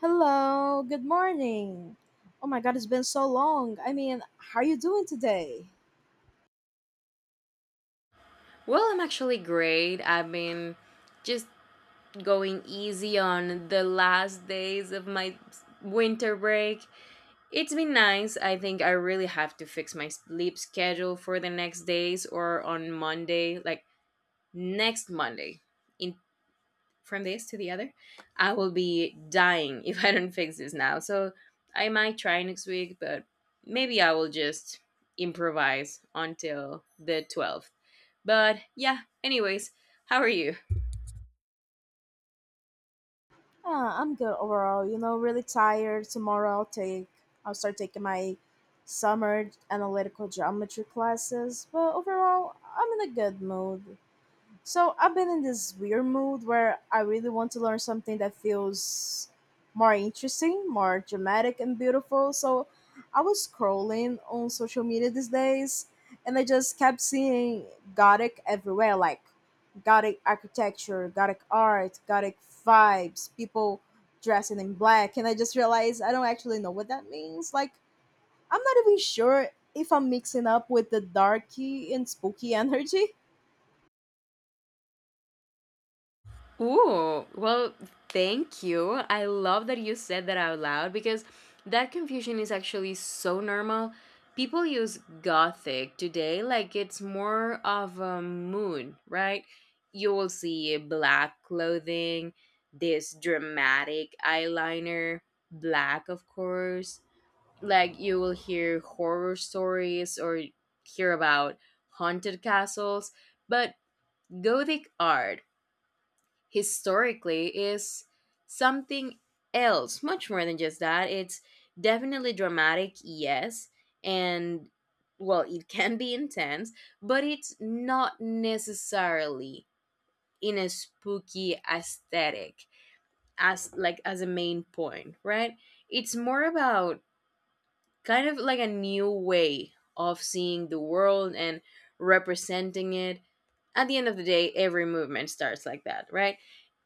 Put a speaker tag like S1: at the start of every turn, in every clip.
S1: Hello, good morning. Oh my god, it's been so long. I mean, how are you doing today?
S2: Well, I'm actually great. I've been just going easy on the last days of my winter break. It's been nice. I think I really have to fix my sleep schedule for the next days or on Monday, like next Monday. In from this to the other, I will be dying if I don't fix this now. So, I might try next week, but maybe I will just improvise until the 12th. But yeah, anyways, how are you?
S1: Ah, I'm good overall. You know, really tired. Tomorrow I'll start taking my summer analytical geometry classes, but overall, I'm in a good mood. So I've been in this weird mood where I really want to learn something that feels more interesting, more dramatic and beautiful. So I was scrolling on social media these days and I just kept seeing Gothic everywhere, like Gothic architecture, Gothic art, Gothic vibes, people dressing in black, and I just realized I don't actually know what that means. Like I'm not even sure if I'm mixing up with the darky and spooky energy.
S2: Ooh, well, thank you. I love that you said that out loud because that confusion is actually so normal. People use gothic today like it's more of a mood, right? You will see black clothing, this dramatic eyeliner, black, of course. Like you will hear horror stories or hear about haunted castles, but Gothic art historically is something else, much more than just that. It's definitely dramatic, yes, and well, it can be intense, but it's not necessarily in a spooky aesthetic as like as a main point, right? It's more about kind of like a new way of seeing the world and representing it. At the end of the day, every movement starts like that, right?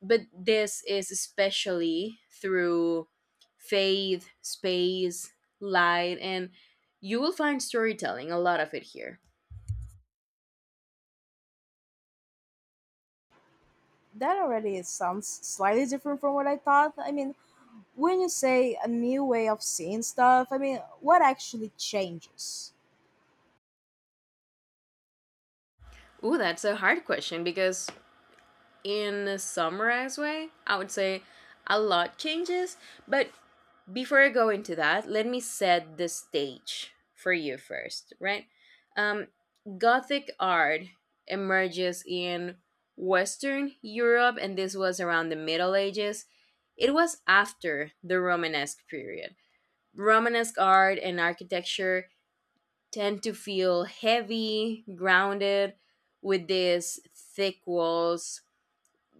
S2: But this is especially through faith, space, light, and you will find storytelling, a lot of it, here.
S1: That already sounds slightly different from what I thought. I mean, when you say a new way of seeing stuff, I mean, what actually changes?
S2: Ooh, that's a hard question because in summer as well. I would say a lot changes, but before I go into that, let me set the stage for you first, right? Um, Gothic art emerges in Western Europe, and this was around the Middle Ages. It was after the Romanesque period. Romanesque art and architecture tend to feel heavy, grounded, with these thick walls,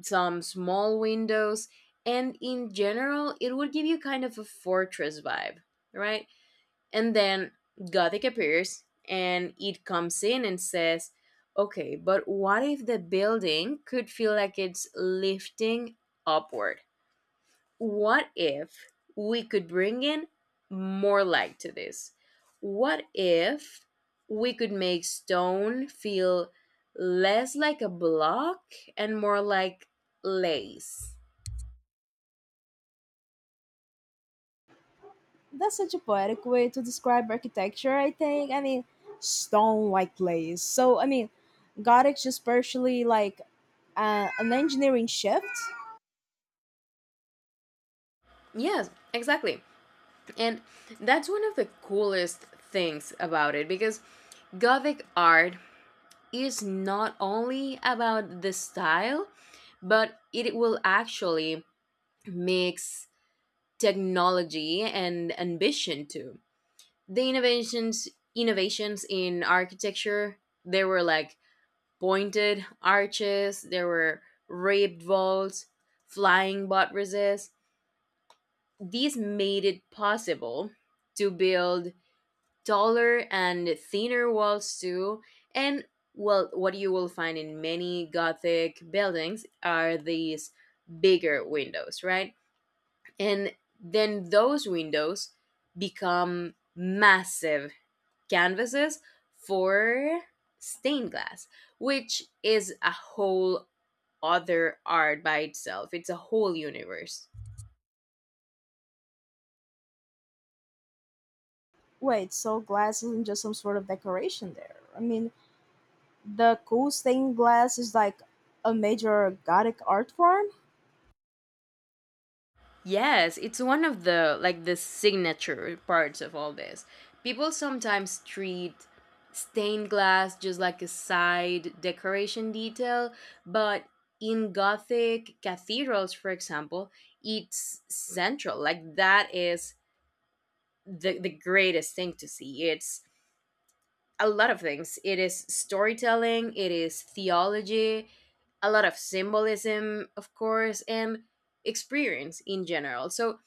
S2: some small windows, and in general, it would give you kind of a fortress vibe, right? And then Gothic appears and it comes in and says, okay, but what if the building could feel like it's lifting upward? What if we could bring in more light to this? What if we could make stone feel less like a block and more like lace?
S1: That's such a poetic way to describe architecture, I think. I mean, stone like glaze. So, I mean, Gothic just partially like an engineering shift.
S2: Yes, exactly. And that's one of the coolest things about it because Gothic art is not only about the style, but it will actually mix technology and ambition too. The innovations in architecture, there were like pointed arches, there were ribbed vaults, flying buttresses. These made it possible to build taller and thinner walls too. And well, what you will find in many gothic buildings are these bigger windows, right? And then those windows become massive canvases for stained glass, which is a whole other art by itself. It's a whole universe.
S1: Wait, so glass isn't just some sort of decoration there. I mean, the cool stained glass is like a major Gothic art form?
S2: Yes, it's one of the like the signature parts of all this. People sometimes treat stained glass just like a side decoration detail, but in Gothic cathedrals, for example, it's central. Like that is the greatest thing to see. It's a lot of things. It is storytelling, it is theology, a lot of symbolism, of course, and experience in general. So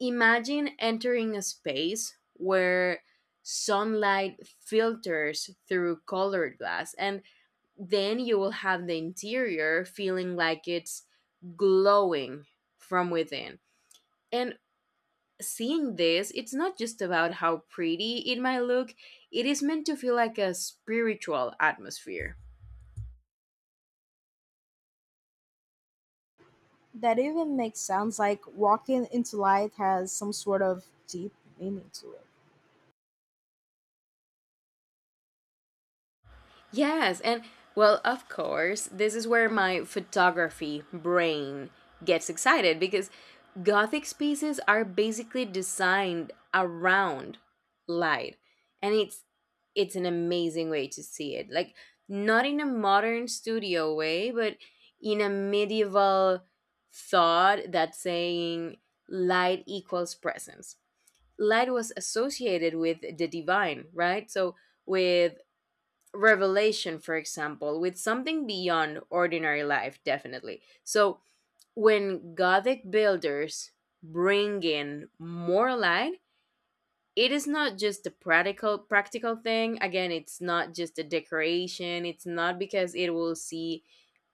S2: imagine entering a space where sunlight filters through colored glass, and then you will have the interior feeling like it's glowing from within. And seeing this, it's not just about how pretty it might look, it is meant to feel like a spiritual atmosphere.
S1: That even makes sounds like walking into light has some sort of deep meaning to it.
S2: Yes, and well, of course, this is where my photography brain gets excited because gothic spaces are basically designed around light. And it's an amazing way to see it. Like not in a modern studio way, but in a medieval thought that's saying light equals presence. Light was associated with the divine, right? So with revelation, for example, with something beyond ordinary life, definitely. So when Gothic builders bring in more light, it is not just a practical thing. Again, it's not just a decoration. It's not because it will see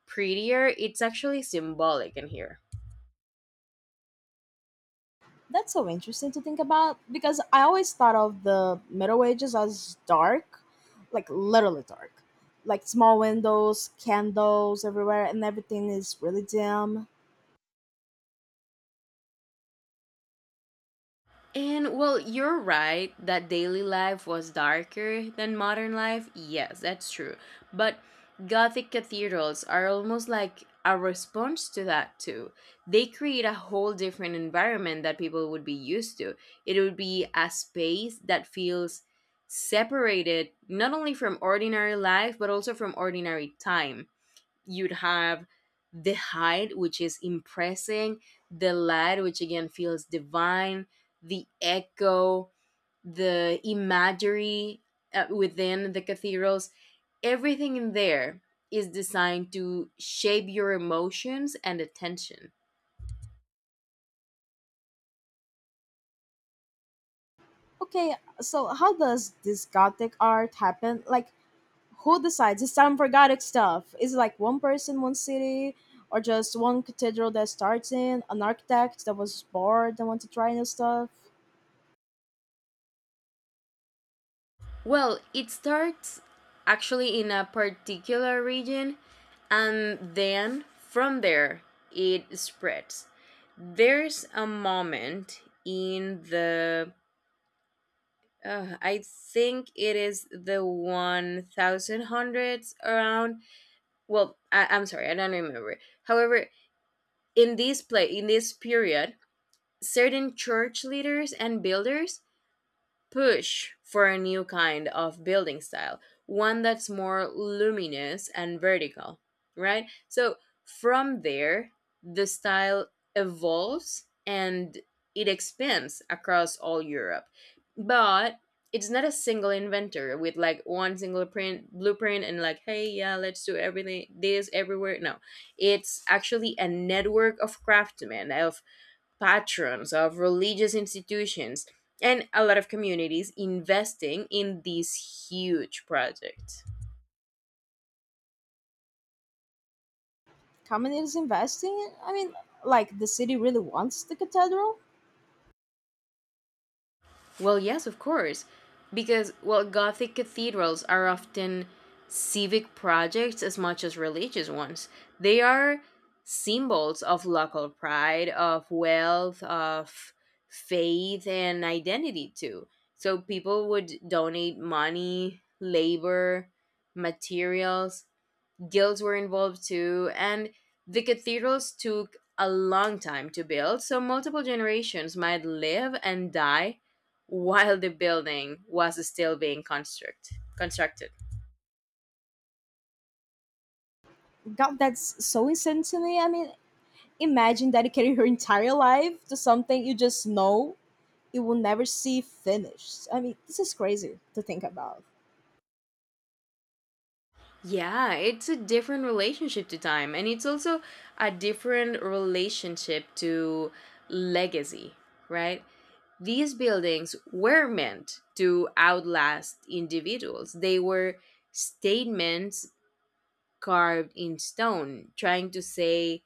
S2: prettier. It's actually symbolic in here.
S1: That's so interesting to think about because I always thought of the Middle Ages as dark, like literally dark. Like small windows, candles everywhere, and everything is really dim.
S2: And well, you're right that daily life was darker than modern life. Yes, that's true. But Gothic cathedrals are almost like a response to that, too. They create a whole different environment that people would be used to. It would be a space that feels separated not only from ordinary life, but also from ordinary time. You'd have the height, which is impressing, the light, which again feels divine, the echo, the imagery within the cathedrals. Everything in there is designed to shape your emotions and attention.
S1: Okay, so how does this Gothic art happen? Like, who decides? It's some forgotten stuff. Is it like one person, one city, or just one cathedral that starts in? An architect that was bored and want to try new stuff?
S2: Well, it starts actually in a particular region and then from there it spreads. There's a moment in the I think it is the 1000s around. Well, I'm sorry, I don't remember. However, in this play, in this period, certain church leaders and builders push for a new kind of building style, one that's more luminous and vertical, right? So from there, the style evolves and it expands across all Europe. But it's not a single inventor with like one single print blueprint and like, hey, yeah, let's do everything this everywhere. No, it's actually a network of craftsmen, of patrons, of religious institutions, and a lot of communities investing in this huge project.
S1: Community is investing? In? I mean, like the city really wants the cathedral?
S2: Well, yes, of course, because well, Gothic cathedrals are often civic projects as much as religious ones. They are symbols of local pride, of wealth, of faith, and identity too. So people would donate money, labor, materials. Guilds were involved too, and the cathedrals took a long time to build, so multiple generations might live and die while the building was still being constructed.
S1: God, that's so insane to me. I mean, imagine dedicating your entire life to something you just know you will never see finished. I mean, this is crazy to think about.
S2: Yeah, it's a different relationship to time, and it's also a different relationship to legacy, right? These buildings were meant to outlast individuals. They were statements carved in stone, trying to say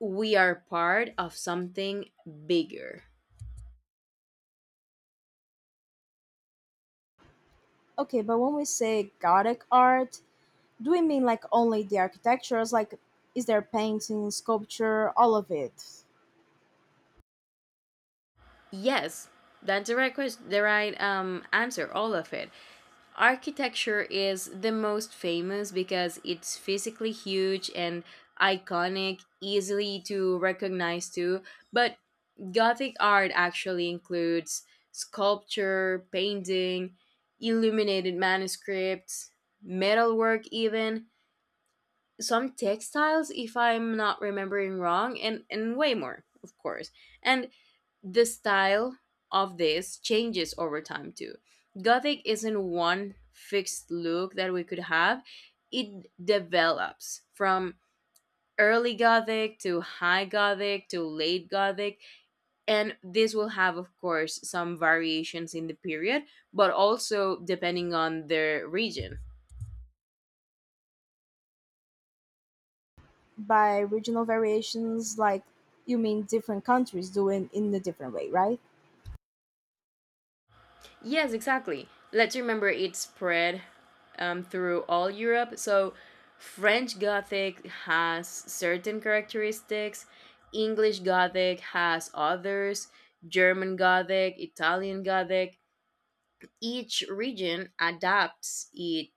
S2: we are part of something bigger.
S1: Okay, but when we say Gothic art, do we mean like only the architectures? Like, is there painting, sculpture, all of it?
S2: Yes, that's the right question, the right answer, all of it. Architecture is the most famous because it's physically huge and iconic, easily to recognize too, but Gothic art actually includes sculpture, painting, illuminated manuscripts, metalwork even, some textiles if I'm not remembering wrong, and way more, of course. And the style of this changes over time too. Gothic isn't one fixed look that we could have. It develops from early gothic to high gothic to late gothic, and this will have, of course, some variations in the period, but also depending on the region.
S1: By regional variations, like you mean different countries doing in a different way, right?
S2: Yes, exactly. Let's remember it spread through all Europe. So, French Gothic has certain characteristics, English Gothic has others, German Gothic, Italian Gothic, each region adapts it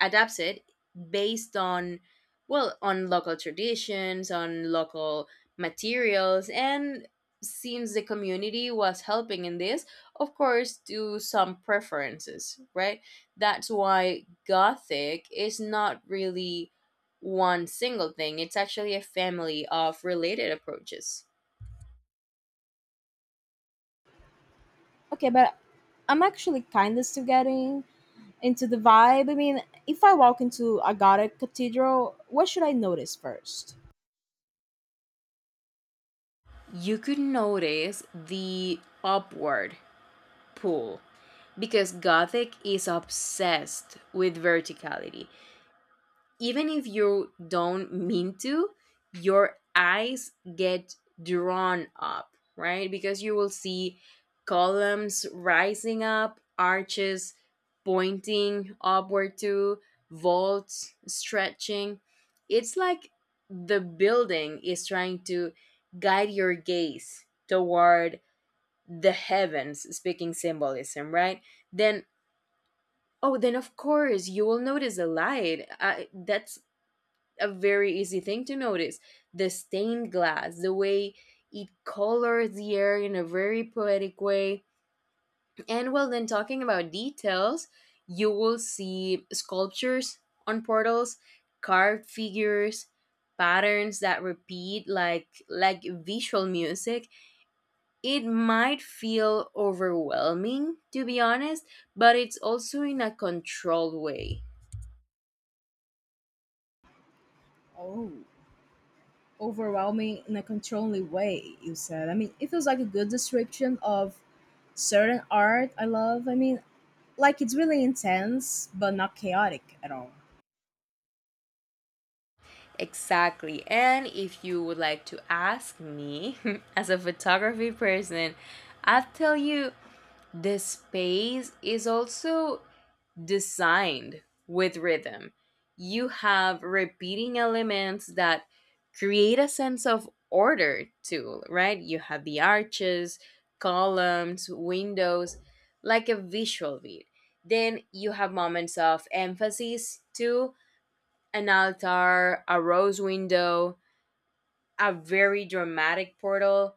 S2: adapts it based on, well, on local traditions, on local materials, and since the community was helping in this, of course, to some preferences, right? That's why gothic is not really one single thing. It's actually a family of related approaches.
S1: Okay, but I'm actually kind of still getting into the vibe. I mean, if I walk into a Gothic cathedral, what should I notice first?
S2: You could notice the upward pull because Gothic is obsessed with verticality. Even if you don't mean to, your eyes get drawn up, right? Because you will see columns rising up, arches pointing upward to, vaults stretching. It's like the building is trying to guide your gaze toward the heavens, speaking symbolism, right? Then, oh, then of course you will notice a light. I, that's a very easy thing to notice. The stained glass, the way it colors the air in a very poetic way. And well, then talking about details, you will see sculptures on portals, carved figures, patterns that repeat like visual music. It might feel overwhelming, to be honest, but it's also in a controlled way.
S1: Oh, overwhelming in a controlling way, you said. I mean, it feels like a good description of certain art I love. I mean, like it's really intense, but not chaotic at all.
S2: Exactly. And if you would like to ask me as a photography person, I'll tell you the space is also designed with rhythm. You have repeating elements that create a sense of order too, right? You have the arches, columns, windows, like a visual beat. Then you have moments of emphasis too, an altar, a rose window, a very dramatic portal,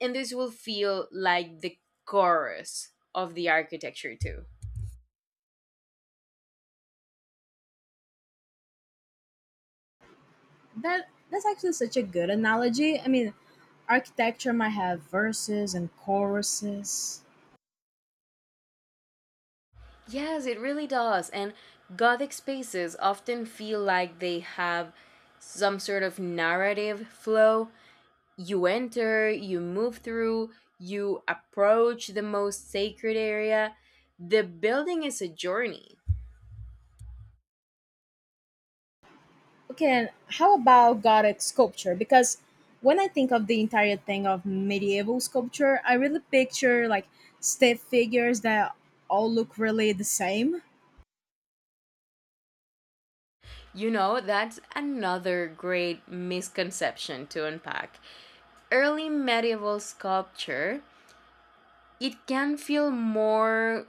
S2: and this will feel like the chorus of the architecture too.
S1: That's actually such a good analogy. I mean, architecture might have verses and choruses.
S2: Yes, it really does. And Gothic spaces often feel like they have some sort of narrative flow. You enter, you move through, you approach the most sacred area. The building is a journey.
S1: Okay, and how about Gothic sculpture? Because when I think of the entire thing of medieval sculpture, I really picture like stiff figures that all look really the same.
S2: You know, that's another great misconception to unpack. Early medieval sculpture it can feel more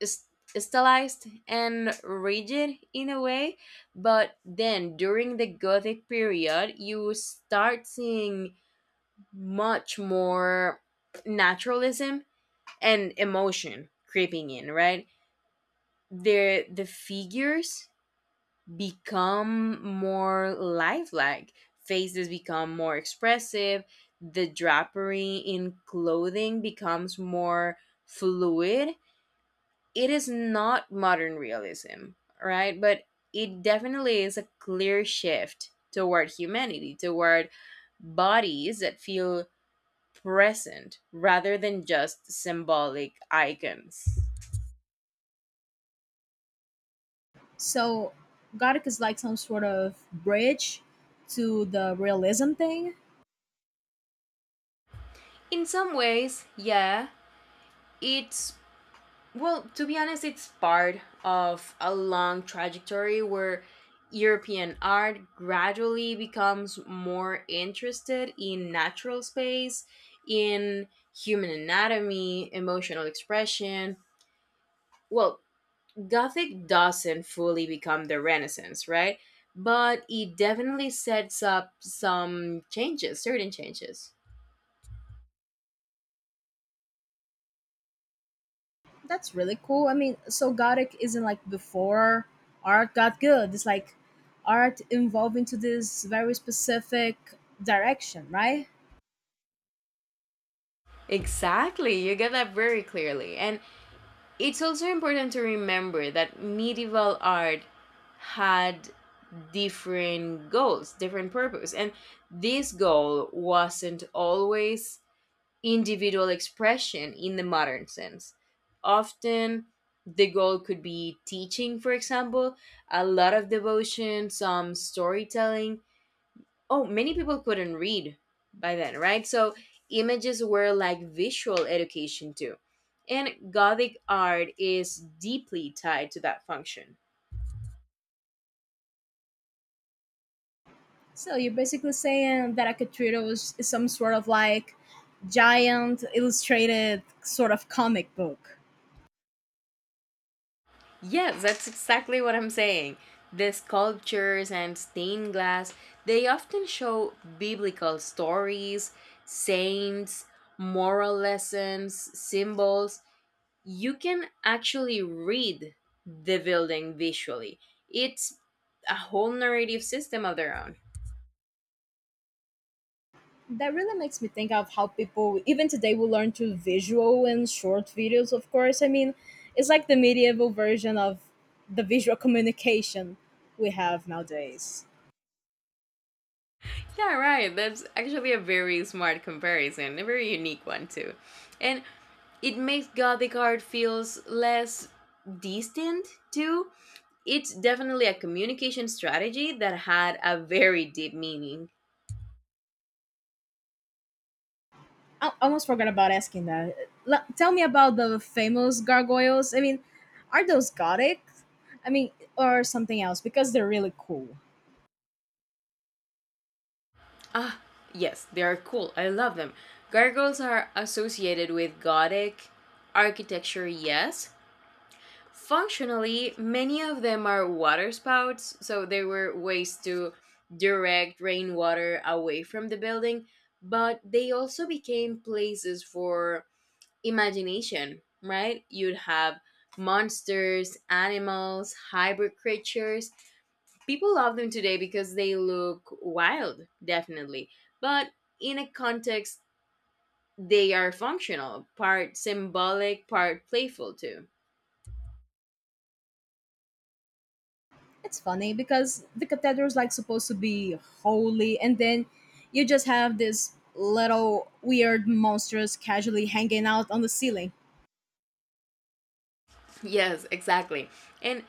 S2: s- stylized and rigid in a way, but then during the Gothic period, you start seeing much more naturalism and emotion creeping in, right? The figures become more lifelike. Faces become more expressive. The drapery in clothing becomes more fluid. It is not modern realism, right? But it definitely is a clear shift toward humanity, toward bodies that feel present rather than just symbolic icons.
S1: So Gothic is like some sort of bridge to the realism thing.
S2: In some ways, yeah, it's, well, to be honest, it's part of a long trajectory where European art gradually becomes more interested in natural space, in human anatomy, emotional expression. Well, Gothic doesn't fully become the Renaissance, right? But it definitely sets up some changes, certain changes.
S1: That's really cool. I mean, so Gothic isn't like before art got good. It's like art evolved into this very specific direction, right?
S2: Exactly, you get that very clearly. And it's also important to remember that medieval art had different goals, different purpose, and this goal wasn't always individual expression in the modern sense. Often the goal could be teaching, for example, a lot of devotion, some storytelling. Oh, many people couldn't read by then, right? So images were like visual education too, and gothic art is deeply tied to that function.
S1: So you're basically saying that Akatrito was is some sort of like giant illustrated sort of comic book.
S2: Yes, that's exactly what I'm saying. The sculptures and stained glass, they often show biblical stories, saints, moral lessons, symbols. You can actually read the building visually. It's a whole narrative system of their own.
S1: That really makes me think of how people even today will learn through visual and short videos, of course. I mean, it's like the medieval version of the visual communication we have nowadays.
S2: Yeah, right. That's actually a very smart comparison, a very unique one too. And it makes Gothic art feels less distant too. It's definitely a communication strategy that had a very deep meaning.
S1: I almost forgot about asking that. Tell me about the famous gargoyles. I mean, are those gothic? I mean, or something else? Because they're really cool.
S2: Ah, yes, they are cool. I love them. Gargoyles are associated with Gothic architecture, yes. Functionally, many of them are water spouts, so there were ways to direct rainwater away from the building, but they also became places for imagination, right? You'd have monsters, animals, hybrid creatures. People love them today because they look wild, definitely, but in a context, they are functional, part symbolic, part playful, too.
S1: It's funny because the cathedral's like supposed to be holy, and then you just have this little weird monsters casually hanging out on the ceiling.
S2: Yes, exactly. And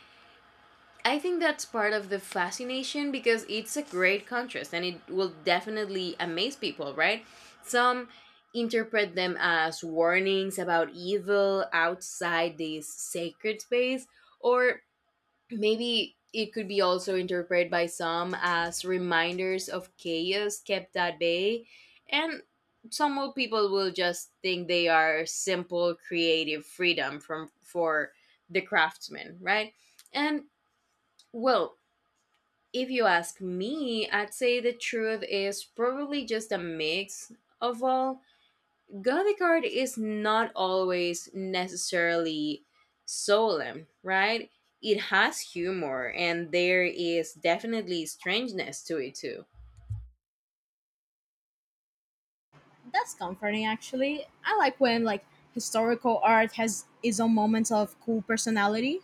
S2: I think that's part of the fascination because it's a great contrast and it will definitely amaze people, right? Some interpret them as warnings about evil outside this sacred space, or maybe it could be also interpreted by some as reminders of chaos kept at bay, and people will just think they are simple creative freedom from for the craftsman, right? And, well, if you ask me, I'd say the truth is probably just a mix of all. Gothic art is not always necessarily solemn, right? It has humor and there is definitely strangeness to it too.
S1: That's comforting, actually. I like when like historical art has its own moments of cool personality.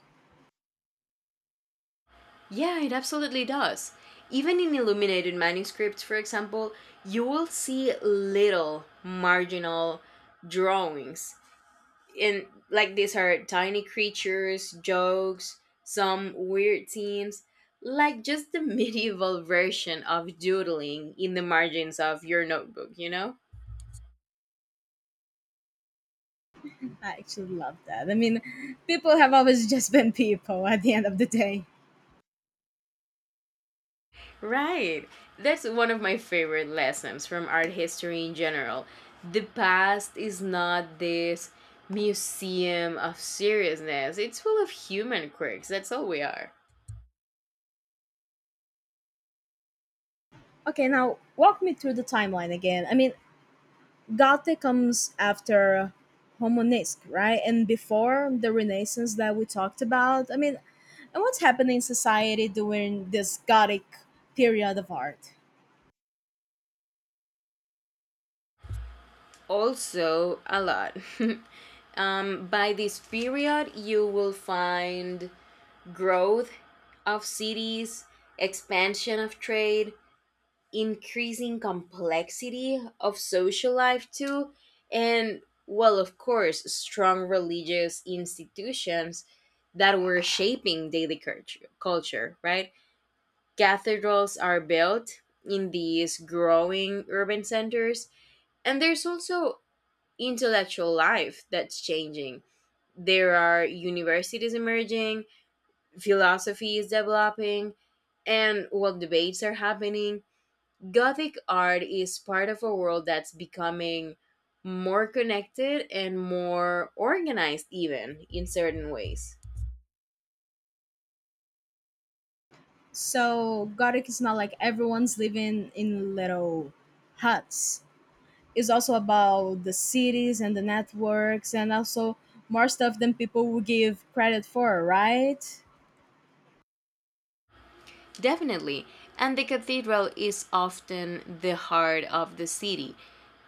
S2: Yeah, it absolutely does. Even in illuminated manuscripts, for example, you will see little marginal drawings, in like these are tiny creatures, jokes, some weird themes, like just the medieval version of doodling in the margins of your notebook?
S1: I actually love that. I mean, people have always just been people at the end of the day.
S2: Right. That's one of my favorite lessons from art history in general. The past is not this museum of seriousness. It's full of human quirks. That's all we are.
S1: Okay, now walk me through the timeline again. I mean, Gothic comes after Homonesque, right? And before the Renaissance that we talked about. I mean, and what's happening in society during this Gothic period of art?
S2: Also, a lot. By this period, you will find growth of cities, expansion of trade, increasing complexity of social life too, and, well, of course, strong religious institutions that were shaping daily culture, right? Cathedrals are built in these growing urban centers, and there's also intellectual life that's changing. There are universities emerging, philosophy is developing, and what debates are happening. Gothic art is part of a world that's becoming more connected and more organized, even in certain ways.
S1: So, Gothic is not like everyone's living in little huts. Is also about the cities and the networks and also more stuff than people will give credit for, right?
S2: Definitely. And the cathedral is often the heart of the city,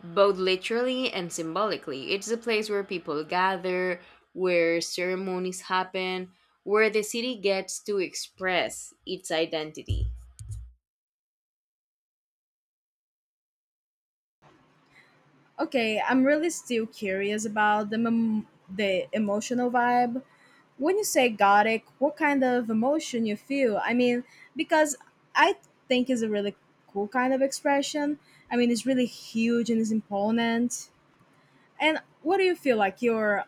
S2: both literally and symbolically. It's a place where people gather, where ceremonies happen, where the city gets to express its identity.
S1: Okay, I'm really still curious about the emotional vibe. When you say gothic, what kind of emotion you feel? I mean, because I think it's a really cool kind of expression. I mean, it's really huge and it's imponent. And what do you feel like? You're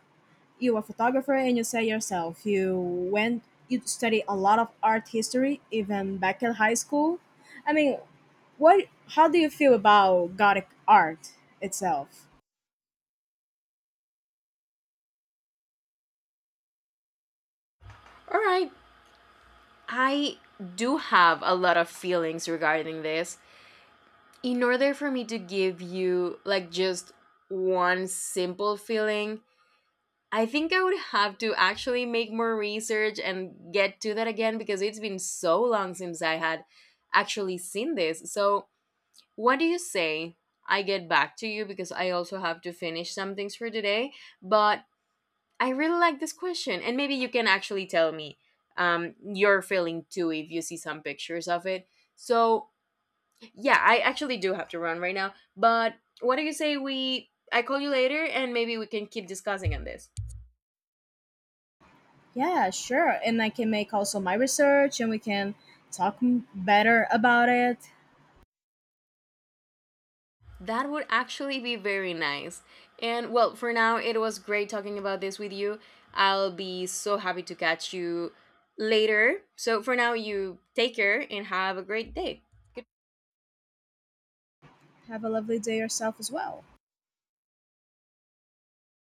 S1: you a photographer and you say yourself went you study a lot of art history even back in high school. I mean, what how do you feel about gothic art itself?
S2: All right, I do have a lot of feelings regarding this. In order for me to give you like just one simple feeling, I think I would have to actually make more research and get to that again because it's been so long since I had actually seen this. So, what do you say? I get back to you because I also have to finish some things for today, but I really like this question, and maybe you can actually tell me your feeling too if you see some pictures of it. So yeah, I actually do have to run right now. But what do you say we? I call you later, and maybe we can keep discussing on this.
S1: Yeah, sure, and I can make also my research and we can talk better about it.
S2: That would actually be very nice. And, well, for now, it was great talking about this with you. I'll be so happy to catch you later. So for now, you take care and have a great day.
S1: Have a lovely day yourself as well.